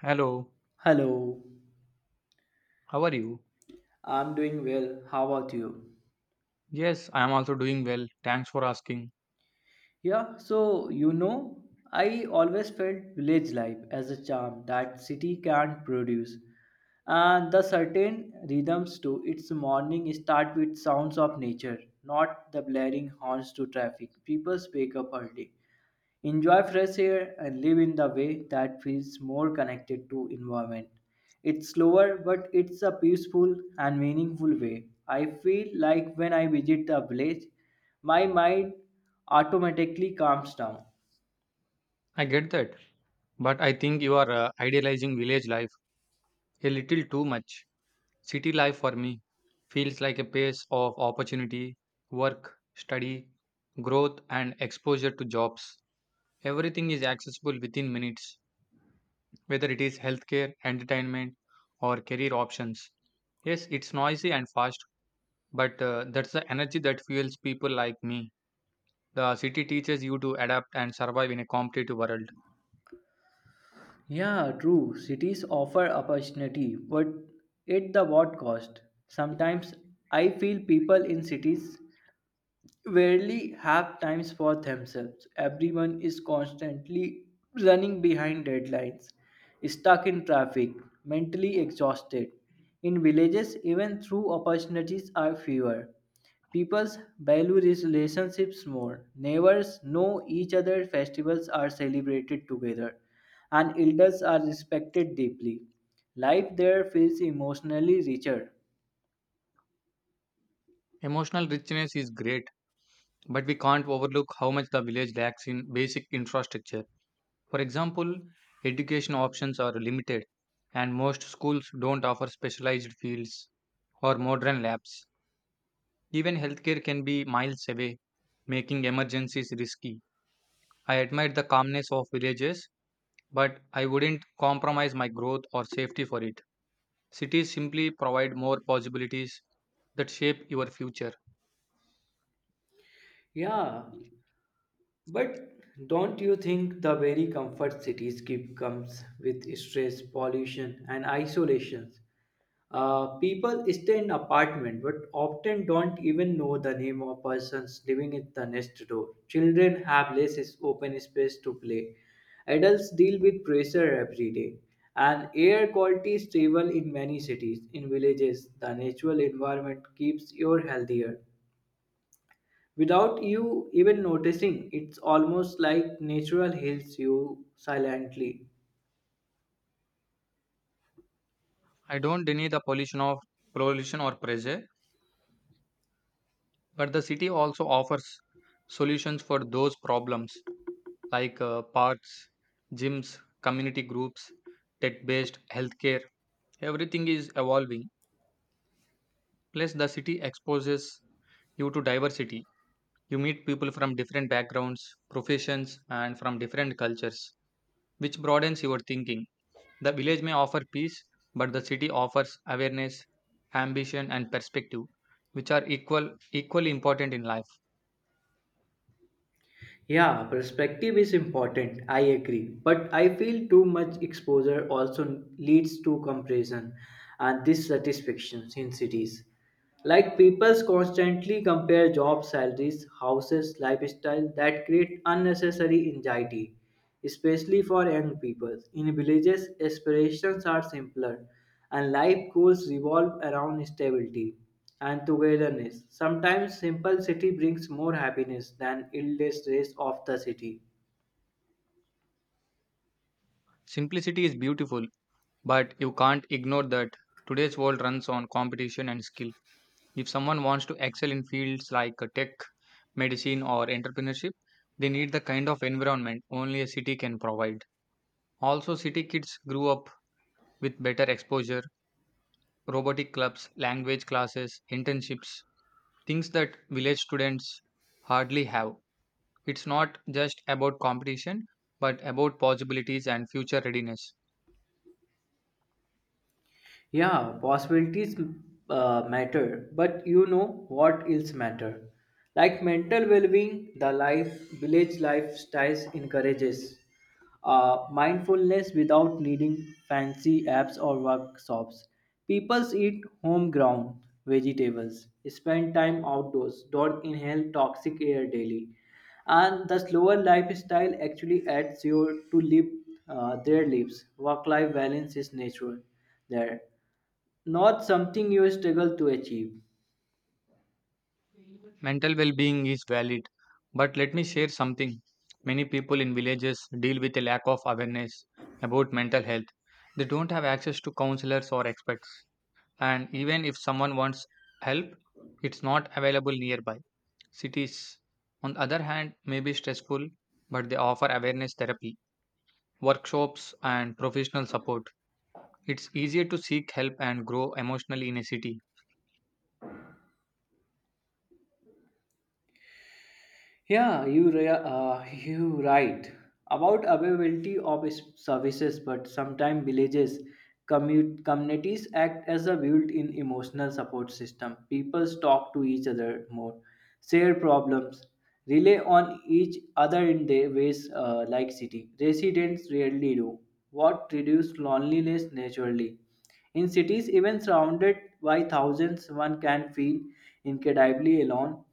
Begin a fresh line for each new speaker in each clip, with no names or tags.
Hello,
Hello,
how are you?
I'm doing well. How about you?
Yes, I am also doing well. Thanks for asking.
Yeah, I always felt village life as a charm that city can't produce. And the certain rhythms to its morning start with sounds of nature, not the blaring horns to traffic. People wake up early, enjoy fresh air and live in the way that feels more connected to environment. It's slower, but it's a peaceful and meaningful way. I feel like when I visit the village, my mind automatically calms down.
I get that, but I think you are idealizing village life a little too much. City life for me feels like a pace of opportunity, work, study, growth, and exposure to jobs. Everything is accessible within minutes, whether it is healthcare, entertainment, or career options. Yes, it's noisy and fast, but that's the energy that fuels people like me. The city teaches you to adapt and survive in a competitive world.
Yeah, true, cities offer opportunity, but at the what cost? Sometimes I feel people in cities rarely have times for themselves. Everyone is constantly running behind deadlines, stuck in traffic, mentally exhausted. In villages, even through opportunities are fewer. People value these relationships more. Neighbors know each other, festivals are celebrated together, and elders are respected deeply. Life there feels emotionally richer.
Emotional richness is great, but we can't overlook how much the village lacks in basic infrastructure. For example, education options are limited, and most schools don't offer specialized fields or modern labs. Even healthcare can be miles away, making emergencies risky. I admire the calmness of villages, but I wouldn't compromise my growth or safety for it. Cities simply provide more possibilities that shape your future.
Yeah, but don't you think the very comfort cities keep comes with stress, pollution, and isolations? People stay in apartment but often don't even know the name of persons living in the next door. Children have open space to play. Adults deal with pressure every day, and air quality is stable in many cities. In villages, the natural environment keeps you healthier. Without you even noticing, it's almost like natural heals you silently.
I don't deny the pollution or pressure, but the city also offers solutions for those problems like parks, gyms, community groups, tech-based healthcare. Everything is evolving. Plus, the city exposes you to diversity. You meet people from different backgrounds, professions, and from different cultures, which broadens your thinking. The village may offer peace, but the city offers awareness, ambition, and perspective, which are equally important in life.
Yeah, perspective is important, I agree. But I feel too much exposure also leads to comparison and dissatisfaction in cities. Like people constantly compare job salaries, houses, lifestyle that create unnecessary anxiety, especially for young people. In villages, aspirations are simpler, and life goals revolve around stability and togetherness. Sometimes simple city brings more happiness than endless race of the city.
Simplicity is beautiful, but you can't ignore that today's world runs on competition and skill. If someone wants to excel in fields like tech, medicine, or entrepreneurship, they need the kind of environment only a city can provide. Also, city kids grew up with better exposure, robotic clubs, language classes, internships, things that village students hardly have. It's not just about competition, but about possibilities and future readiness.
Yeah, possibilities matter, but you know what else matter? Like mental well-being, the life village lifestyles encourages mindfulness without needing fancy apps or workshops. People eat homegrown vegetables, spend time outdoors, don't inhale toxic air daily, and the slower lifestyle actually adds your to live their lives. Work life balance is natural there, not something you struggle to achieve.
Mental well being is valid, but let me share something. Many people in villages deal with a lack of awareness about mental health. They don't have access to counselors or experts, and even if someone wants help, it's not available nearby. Cities, on the other hand, may be stressful, but they offer awareness therapy, workshops, and professional support. It's easier to seek help and grow emotionally in a city.
You right about availability of services, but sometimes villages, commute communities act as a built-in emotional support system. People talk to each other more, share problems, rely on each other in their ways, like city residents rarely do. What reduce loneliness naturally. In cities, even surrounded by thousands, one can feel incredibly alone.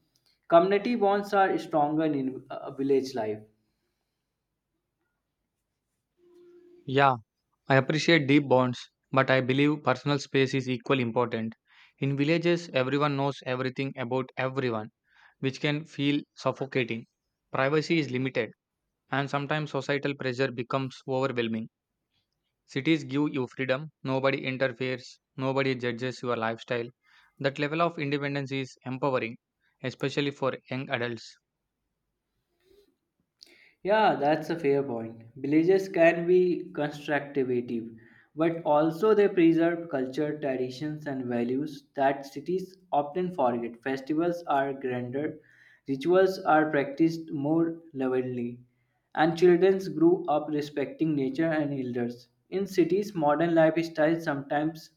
Community bonds are stronger in village life.
Yeah, I appreciate deep bonds, but I believe personal space is equally important. In villages, everyone knows everything about everyone, which can feel suffocating. Privacy is limited, and sometimes societal pressure becomes overwhelming. Cities give you freedom, nobody interferes, nobody judges your lifestyle. That level of independence is empowering, especially for young adults.
Yeah, that's a fair point. Villages can be constructive, but also they preserve culture, traditions, and values that cities often forget. Festivals are grander, rituals are practiced more lovingly, and children grow up respecting nature and elders. In cities, modern lifestyles sometimes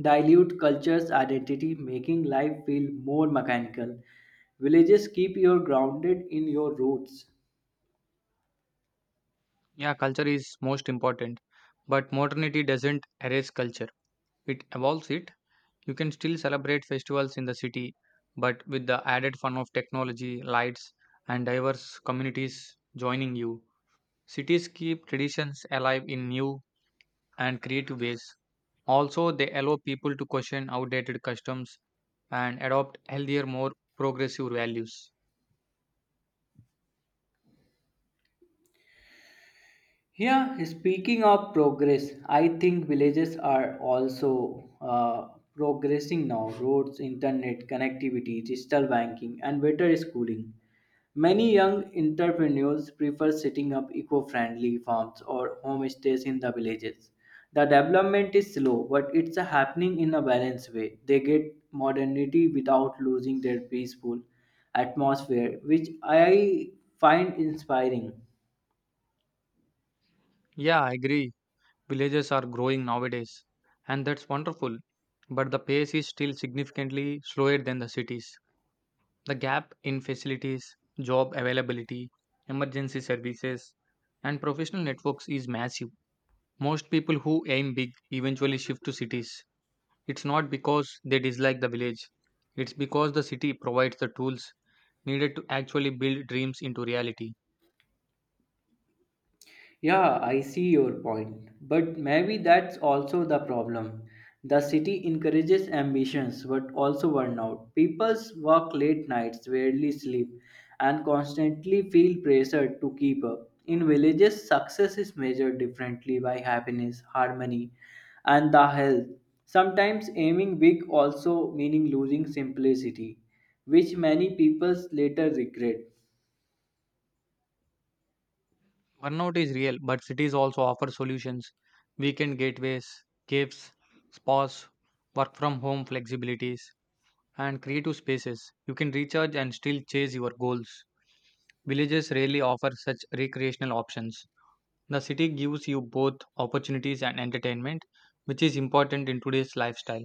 dilute culture's identity, making life feel more mechanical. Villages keep you grounded in your roots.
Yeah, culture is most important, but modernity doesn't erase culture, it evolves it. You can still celebrate festivals in the city, but with the added fun of technology, lights, and diverse communities joining you. Cities keep traditions alive in new and creative ways. Also, they allow people to question outdated customs and adopt healthier, more progressive values.
Yeah, speaking of progress, I think villages are also progressing now. Roads, internet, connectivity, digital banking, and better schooling. Many young entrepreneurs prefer setting up eco-friendly farms or homestays in the villages. The development is slow, but it's happening in a balanced way. They get modernity without losing their peaceful atmosphere, which I find inspiring.
Yeah, I agree. Villages are growing nowadays, and that's wonderful. But the pace is still significantly slower than the cities. The gap in facilities, job availability, emergency services, and professional networks is massive. Most people who aim big eventually shift to cities. It's not because they dislike the village, it's because the city provides the tools needed to actually build dreams into reality.
Yeah, I see your point. But maybe that's also the problem. The city encourages ambitions but also burnout. People work late nights, rarely sleep, and constantly feel pressured to keep up. In villages, success is measured differently by happiness, harmony, and the health. Sometimes aiming big also meaning losing simplicity, which many people later regret.
Burnout is real, but cities also offer solutions, weekend gateways, caves, spas, work from home flexibilities, and creative spaces. You can recharge and still chase your goals. Villages rarely offer such recreational options. The city gives you both opportunities and entertainment, which is important in today's lifestyle.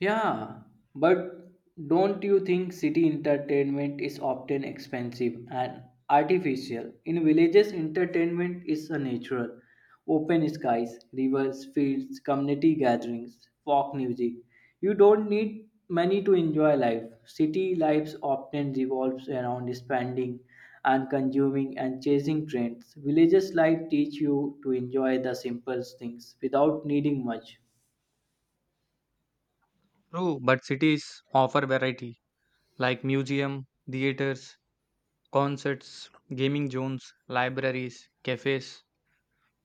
Yeah, but don't you think city entertainment is often expensive and artificial? In villages, entertainment is a natural. Open skies, rivers, fields, community gatherings, folk music. You don't need money to enjoy life. City lives often revolves around spending and consuming and chasing trends. Villages life teach you to enjoy the simple things without needing much.
True, but cities offer variety like museum, theaters, concerts, gaming zones, libraries, cafes,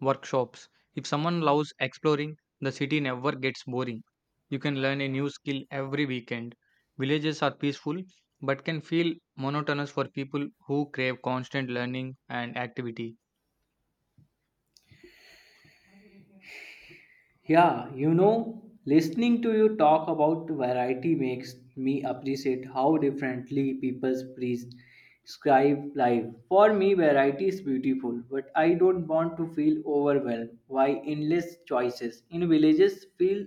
workshops. If someone loves exploring, the city never gets boring. You can learn a new skill every weekend. Villages are peaceful but can feel monotonous for people who crave constant learning and activity.
Yeah, you know, listening to you talk about variety makes me appreciate how differently people prescribe life. For me, variety is beautiful, but I don't want to feel overwhelmed by endless choices. In villages, feel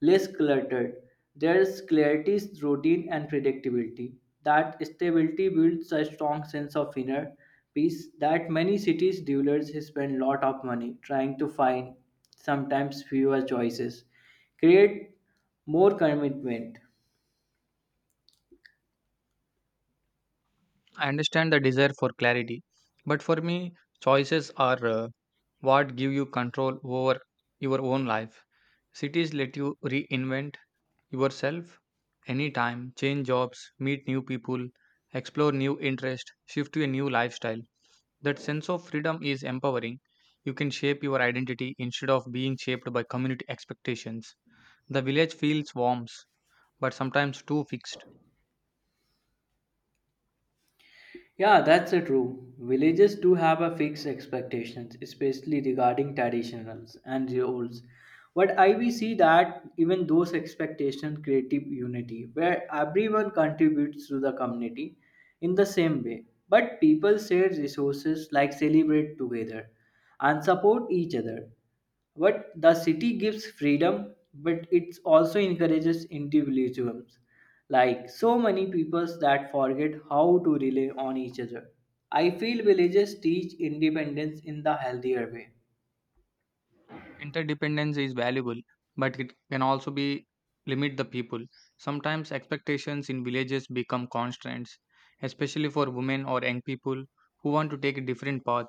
less cluttered. There's clarity, routine, and predictability. That stability builds a strong sense of inner peace that many cities' dwellers spend a lot of money trying to find. Sometimes fewer choices create more commitment.
I understand the desire for clarity, but for me, choices are what give you control over your own life. Cities let you reinvent yourself anytime, change jobs, meet new people, explore new interests, shift to a new lifestyle. That sense of freedom is empowering. You can shape your identity instead of being shaped by community expectations. The village feels warm, but sometimes too fixed.
Yeah, that's true, villages do have a fixed expectations, especially regarding traditionals and roles. But I we see that even those expectations create unity where everyone contributes to the community in the same way. But people share resources, like celebrate together and support each other. But the city gives freedom, but it also encourages individualism. Like so many peoples that forget how to rely on each other. I feel villages teach independence in the healthier way.
Interdependence is valuable, but it can also be limit the people. Sometimes expectations in villages become constraints, especially for women or young people who want to take a different path.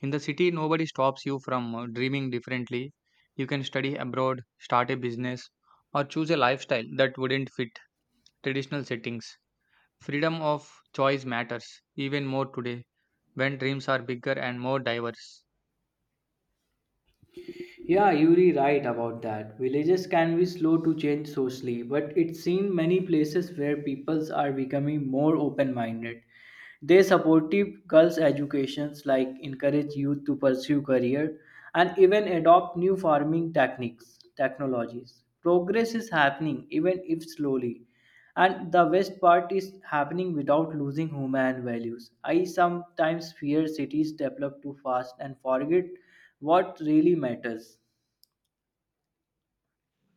In the city, nobody stops you from dreaming differently. You can study abroad, start a business, or choose a lifestyle that wouldn't fit traditional settings. Freedom of choice matters even more today when dreams are bigger and more diverse.
Yeah, you're right about that. Villages can be slow to change socially, but it's seen many places where peoples are becoming more open minded. They supportive girls' educations, like encourage youth to pursue career and even adopt new farming techniques, technologies. Progress is happening even if slowly. And the best part is happening without losing human values. I sometimes fear cities develop too fast and forget what really matters.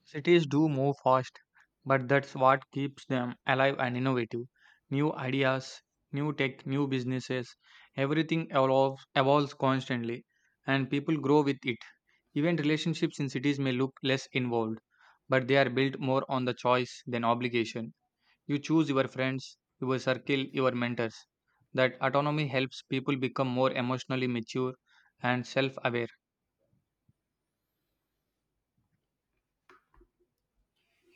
Cities do move fast, but that's what keeps them alive and innovative. New ideas, new tech, new businesses, everything evolves constantly, and people grow with it. Even relationships in cities may look less involved, but they are built more on the choice than obligation. You choose your friends, your circle, your mentors. That autonomy helps people become more emotionally mature and self aware.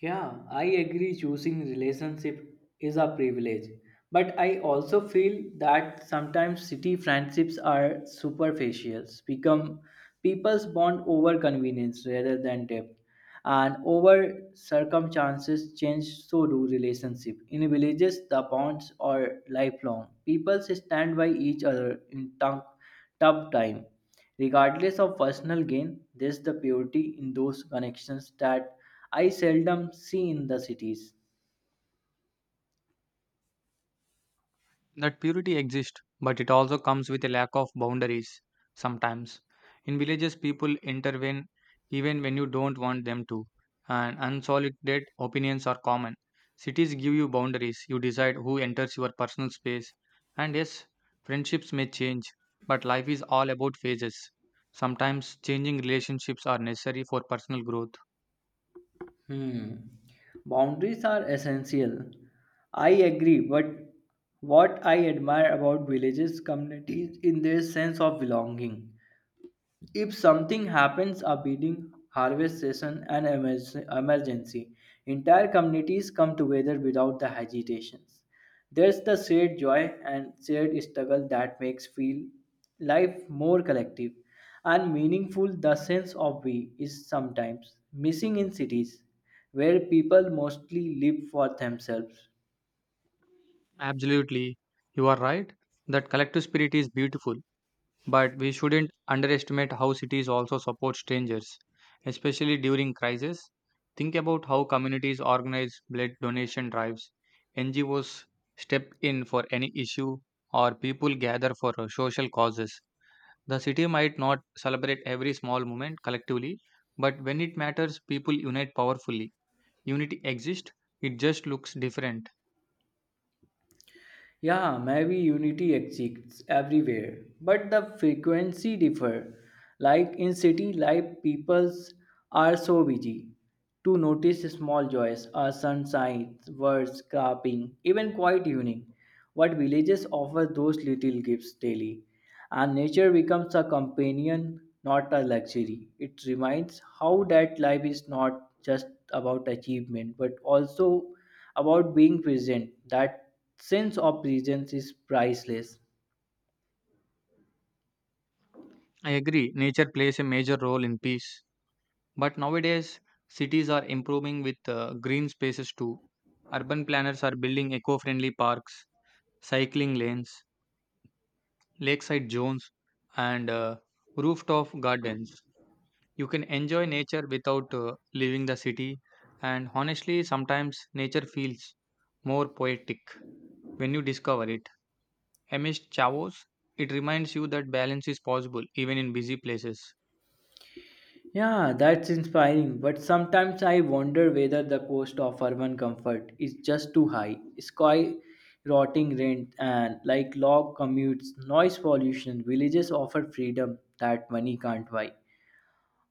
Yeah, I agree, choosing relationship is a privilege. But I also feel that sometimes city friendships are superficial, become people's bond over convenience rather than depth. And over circumstances change, so do relationship. In villages, the bonds are lifelong. People stand by each other in tough time. Regardless of personal gain, there's the purity in those connections that I seldom see in the cities.
That purity exists, but it also comes with a lack of boundaries sometimes. In villages, people intervene even when you don't want them to, and unsolicited opinions are common. Cities give you boundaries, you decide who enters your personal space, and yes, friendships may change, but life is all about phases. Sometimes changing relationships are necessary for personal growth.
Hmm. Boundaries are essential. I agree, but what I admire about villages communities in their sense of belonging. If something happens, a wedding, harvest season, emergency, entire communities come together without the hesitations. There's the shared joy and shared struggle that makes feel life more collective and meaningful. The sense of we is sometimes missing in cities where people mostly live for themselves.
Absolutely, you are right that collective spirit is beautiful. But we shouldn't underestimate how cities also support strangers, especially during crisis. Think about how communities organize blood donation drives, NGOs step in for any issue, or people gather for social causes. The city might not celebrate every small moment collectively, but when it matters, people unite powerfully. Unity exists, it just looks different.
Yeah, maybe unity exists everywhere, but the frequency differ. Like in city life, peoples are so busy to notice small joys, a sunshine, birds chirping, even quite unique. What villages offer those little gifts daily, and nature becomes a companion, not a luxury. It reminds how that life is not just about achievement, but also about being present. That sense of presence is priceless.
I agree, nature plays a major role in peace. But nowadays, cities are improving with green spaces too. Urban planners are building eco friendly parks, cycling lanes, lakeside zones, and rooftop gardens. You can enjoy nature without leaving the city, and honestly, sometimes nature feels more poetic when you discover it. Amidst chaos, it reminds you that balance is possible even in busy places.
Yeah, that's inspiring, but sometimes I wonder whether the cost of urban comfort is just too high. Sky rotting rent and like long commutes, noise pollution, villages offer freedom that money can't buy.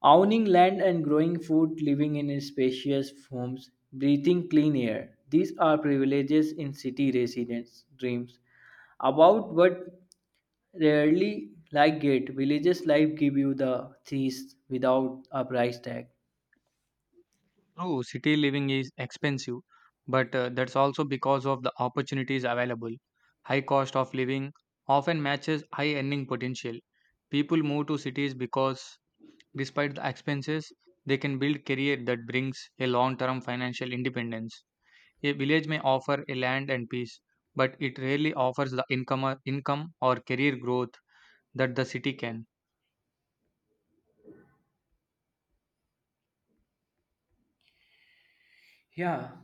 Owning land and growing food, living in spacious homes, breathing clean air. These are privileges in city residents' dreams about what rarely like it. Villages life give you the things without a price tag.
True, city living is expensive, but that's also because of the opportunities available. High cost of living often matches high earning potential. People move to cities because, despite the expenses, they can build career that brings a long-term financial independence. A village may offer a land and peace, but it rarely offers the income or career growth that the city can.
Yeah,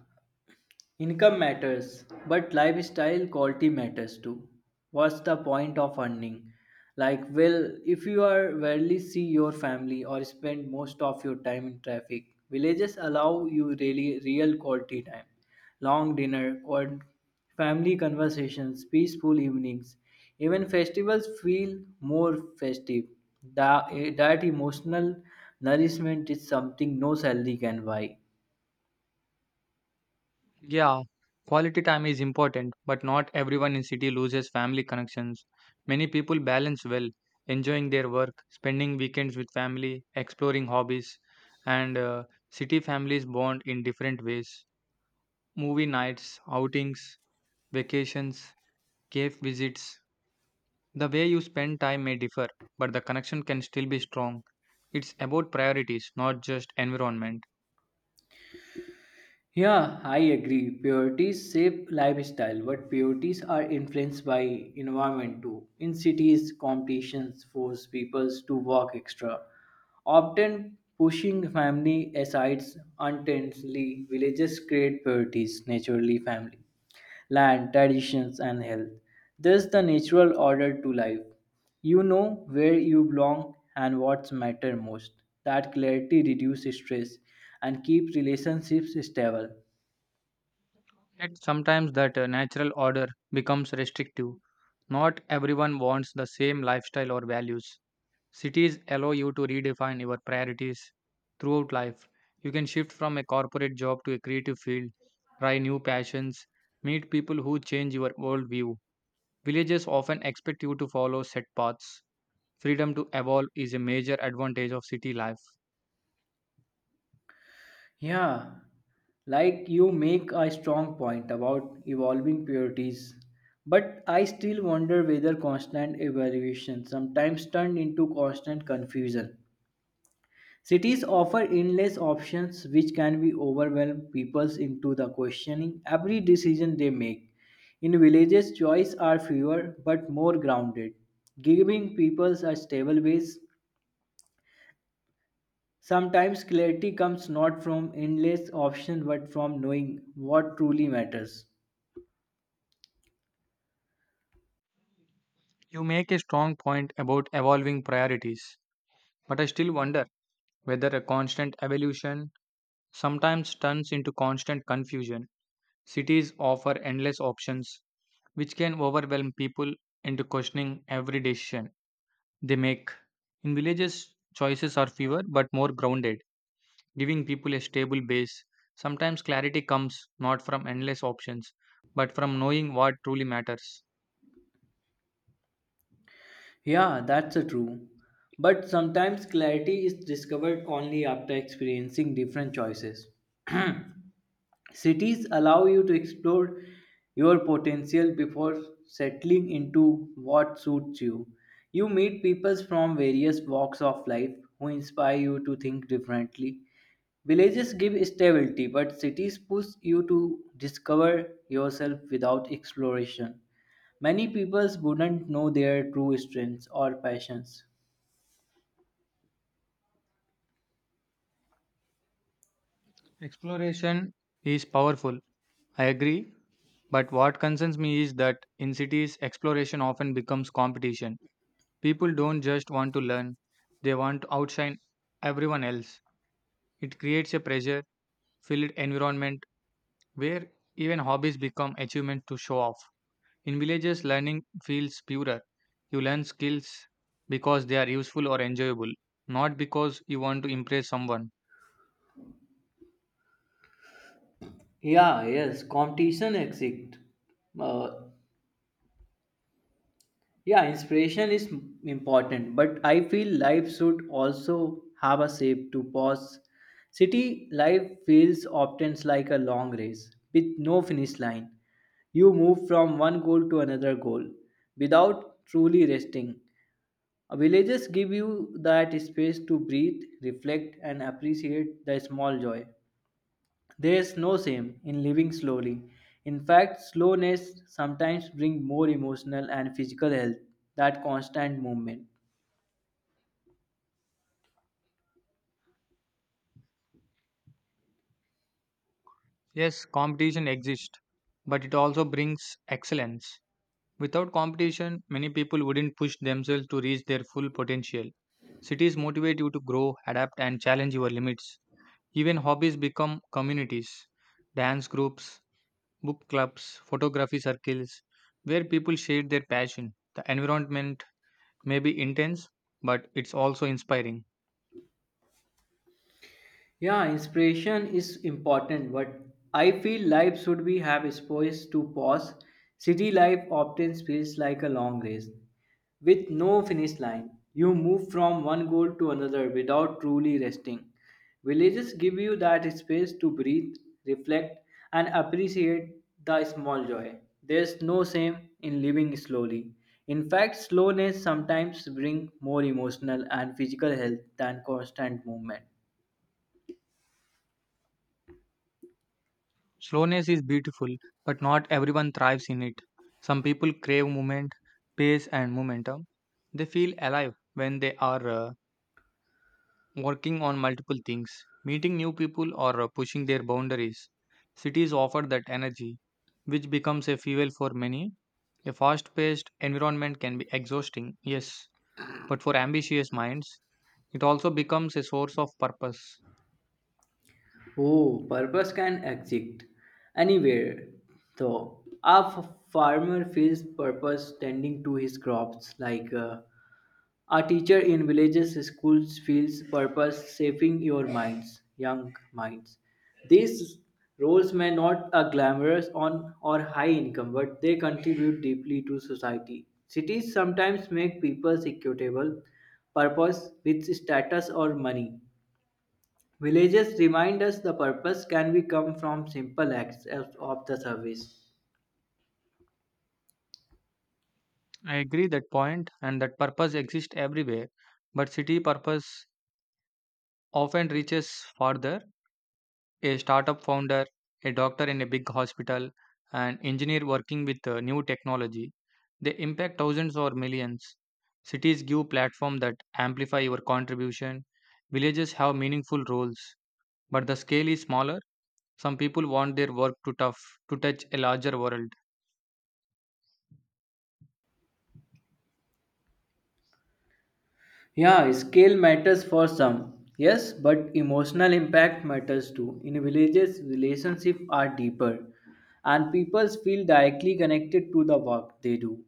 income matters, but lifestyle quality matters too. What's the point of earning? Like, well, if you are rarely see your family or spend most of your time in traffic, villages allow you really real quality time, long dinner, or family conversations, peaceful evenings. Even festivals feel more festive. That, that emotional nourishment is something no salary can buy.
Yeah, quality time is important, but not everyone in city loses family connections. Many people balance well, enjoying their work, spending weekends with family, exploring hobbies, and city families bond in different ways. Movie nights, outings, vacations, cave visits. The way you spend time may differ, but the connection can still be strong. It's about priorities, not just environment.
Yeah, I agree. Priorities shape lifestyle, but priorities are influenced by environment too. In cities, competitions force people to work extra, often pushing family aside unintentionally. Villages create priorities naturally. Family, land, traditions, and health. There's the natural order to life. You know where you belong and what's matter most. That clarity reduces stress and keeps relationships stable.
Yet sometimes that natural order becomes restrictive. Not everyone wants the same lifestyle or values. Cities allow you to redefine your priorities throughout life. You can shift from a corporate job to a creative field, try new passions, meet people who change your worldview. Villages often expect you to follow set paths. Freedom to evolve is a major advantage of city life.
Yeah, like you make a strong point about evolving priorities, but I still wonder whether constant evaluation sometimes turns into constant confusion. Cities offer endless options which can be overwhelm people into the questioning every decision they make. In villages, choices are fewer but more grounded, giving people a stable base. Sometimes clarity comes not from endless options but from knowing what truly matters.
You make a strong point about evolving priorities, but I still wonder whether a constant evolution sometimes turns into constant confusion. Cities offer endless options, which can overwhelm people into questioning every decision they make. In villages, choices are fewer but more grounded, giving people a stable base. Sometimes clarity comes not from endless options, but from knowing what truly matters.
Yeah, that's a true. But sometimes clarity is discovered only after experiencing different choices. Cities allow you to explore your potential before settling into what suits you. You meet people from various walks of life who inspire you to think differently. Villages give stability, but cities push you to discover yourself without exploration. Many people wouldn't know their true strengths or passions.
Exploration is powerful, I agree, but what concerns me is that in cities, exploration often becomes competition. People don't just want to learn, they want to outshine everyone else. It creates a pressure filled environment where even hobbies become achievements to show off. In villages, learning feels purer. You learn skills because they are useful or enjoyable, not because you want to impress someone.
Yeah, yes, competition exists. Uh, Yeah, inspiration is important, but I feel life should also have a shape to pause. City life feels often like a long race with no finish line. You move from one goal to another goal without truly resting. Villages give you that space to breathe, reflect, and appreciate the small joy. There is no shame in living slowly. In fact, slowness sometimes brings more emotional and physical health than constant movement.
Yes, competition exists, but it also brings excellence. Without competition, many people wouldn't push themselves to reach their full potential. Cities motivate you to grow, adapt, and challenge your limits. Even hobbies become communities, dance groups, book clubs, photography circles, where people share their passion. The environment may be intense, but it's also inspiring.
Yeah, inspiration is important, but I feel life should be have space to pause. City life often feels like a long race with no finish line. You move from one goal to another without truly resting. Villages give you that space to breathe, reflect, and appreciate the small joy. There's no shame in living slowly. In fact, slowness sometimes brings more emotional and physical health than constant movement.
Slowness is beautiful, but not everyone thrives in it. Some people crave movement, pace, and momentum. They feel alive when they are working on multiple things, meeting new people, or pushing their boundaries. Cities offer that energy, which becomes a fuel for many. A fast paced environment can be exhausting, yes, but for ambitious minds, it also becomes a source of purpose.
Oh, purpose can exist anywhere. So, A farmer feels purpose tending to his crops, like a teacher in villages schools feels purpose shaping your minds, young minds. These roles may not are glamorous on or high income, but they contribute deeply to society. Cities sometimes make people equitable purpose with status or money. Villages remind us the purpose can be come from simple acts of the service.
I agree that point, and that purpose exists everywhere, but city purpose often reaches farther, a startup founder, a doctor in a big hospital, an engineer working with new technology. They impact thousands or millions. Cities give platform that amplify your contribution. Villages have meaningful roles, but the scale is smaller. Some people want their work to tough to touch a larger world.
Yeah, scale matters for some, yes, but emotional impact matters too. In villages, relationships are deeper, and people feel directly connected to the work they do.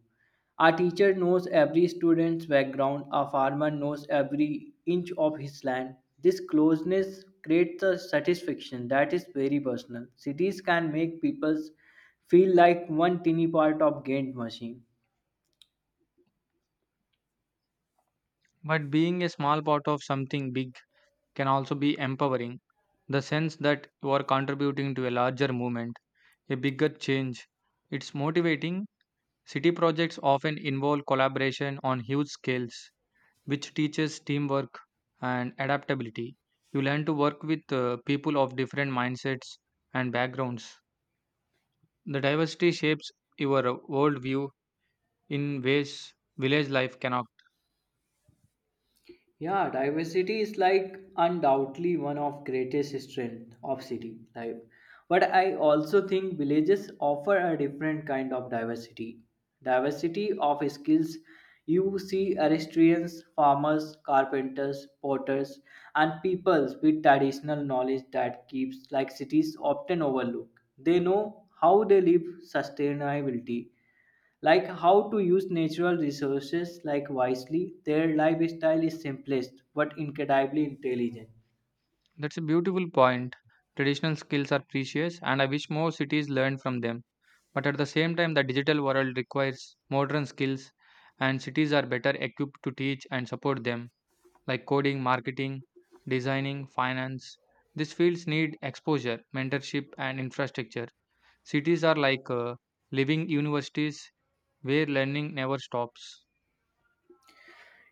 A teacher knows every student's background, a farmer knows every inch of his land. This closeness creates a satisfaction that is very personal. Cities can make people feel like one tiny part of gained machine.
But being a small part of something big can also be empowering. The sense that you are contributing to a larger movement, a bigger change. It's motivating. City projects often involve collaboration on huge scales, which teaches teamwork and adaptability. You learn to work with people of different mindsets and backgrounds. The diversity shapes your worldview in ways village life cannot.
Yeah, diversity is like undoubtedly one of greatest strength of city life. But I also think villages offer a different kind of diversity. Diversity of skills. You see artisans, farmers, carpenters, potters, and peoples with traditional knowledge that keeps like cities often overlook. They know how they live sustainability, like how to use natural resources like wisely. Their lifestyle is simplest but incredibly intelligent.
That's a beautiful point. Traditional skills are precious, and I wish more cities learn from them. But at the same time, the digital world requires modern skills, and cities are better equipped to teach and support them, like coding, marketing, designing, finance. These fields need exposure, mentorship, and infrastructure. Cities are like living universities where learning never stops.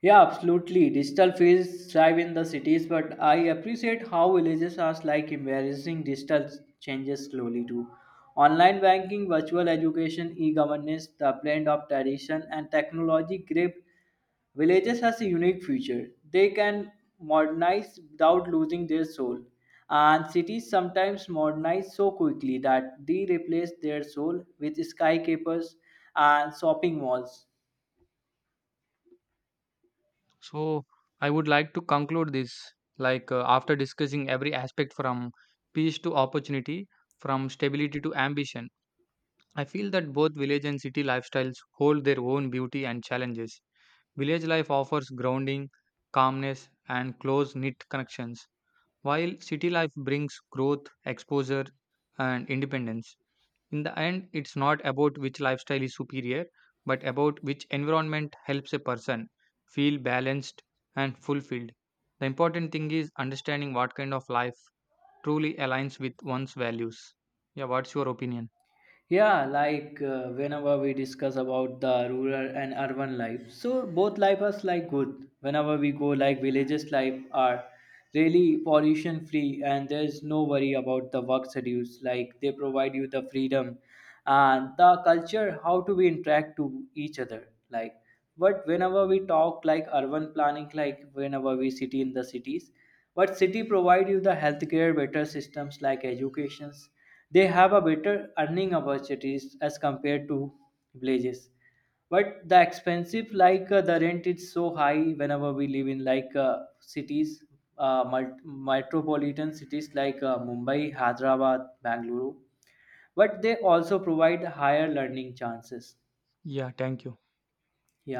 Yeah, absolutely. Digital fields thrive in the cities, but I appreciate how villages are like embracing digital changes slowly too. Online banking, virtual education, e-governance, the blend of tradition and technology grip villages has a unique future. They can modernize without losing their soul. And cities sometimes modernize so quickly that they replace their soul with skyscrapers and shopping malls.
So, I would like to conclude this, after discussing every aspect from peace to opportunity, from stability to ambition. I feel that both village and city lifestyles hold their own beauty and challenges. Village life offers grounding, calmness, and close knit connections, while city life brings growth, exposure, and independence. In the end, it's not about which lifestyle is superior, but about which environment helps a person feel balanced and fulfilled. The important thing is understanding what kind of life truly aligns with one's values. Yeah, what's your opinion?
Yeah, like whenever we discuss about the rural and urban life, so both life is like good. Whenever we go like villages life are really pollution free and there's no worry about the work schedules. Like they provide you the freedom and the culture how to be interact to each other. Like but whenever we talk like urban planning, like whenever we city in the cities, but city provide you the healthcare better systems like educations. They have a better earning opportunities as compared to villages. But the expensive, like the rent is so high whenever we live in like cities, metropolitan cities like Mumbai, Hyderabad, Bangalore, but they also provide higher learning chances.
Yeah, thank you.
Yeah.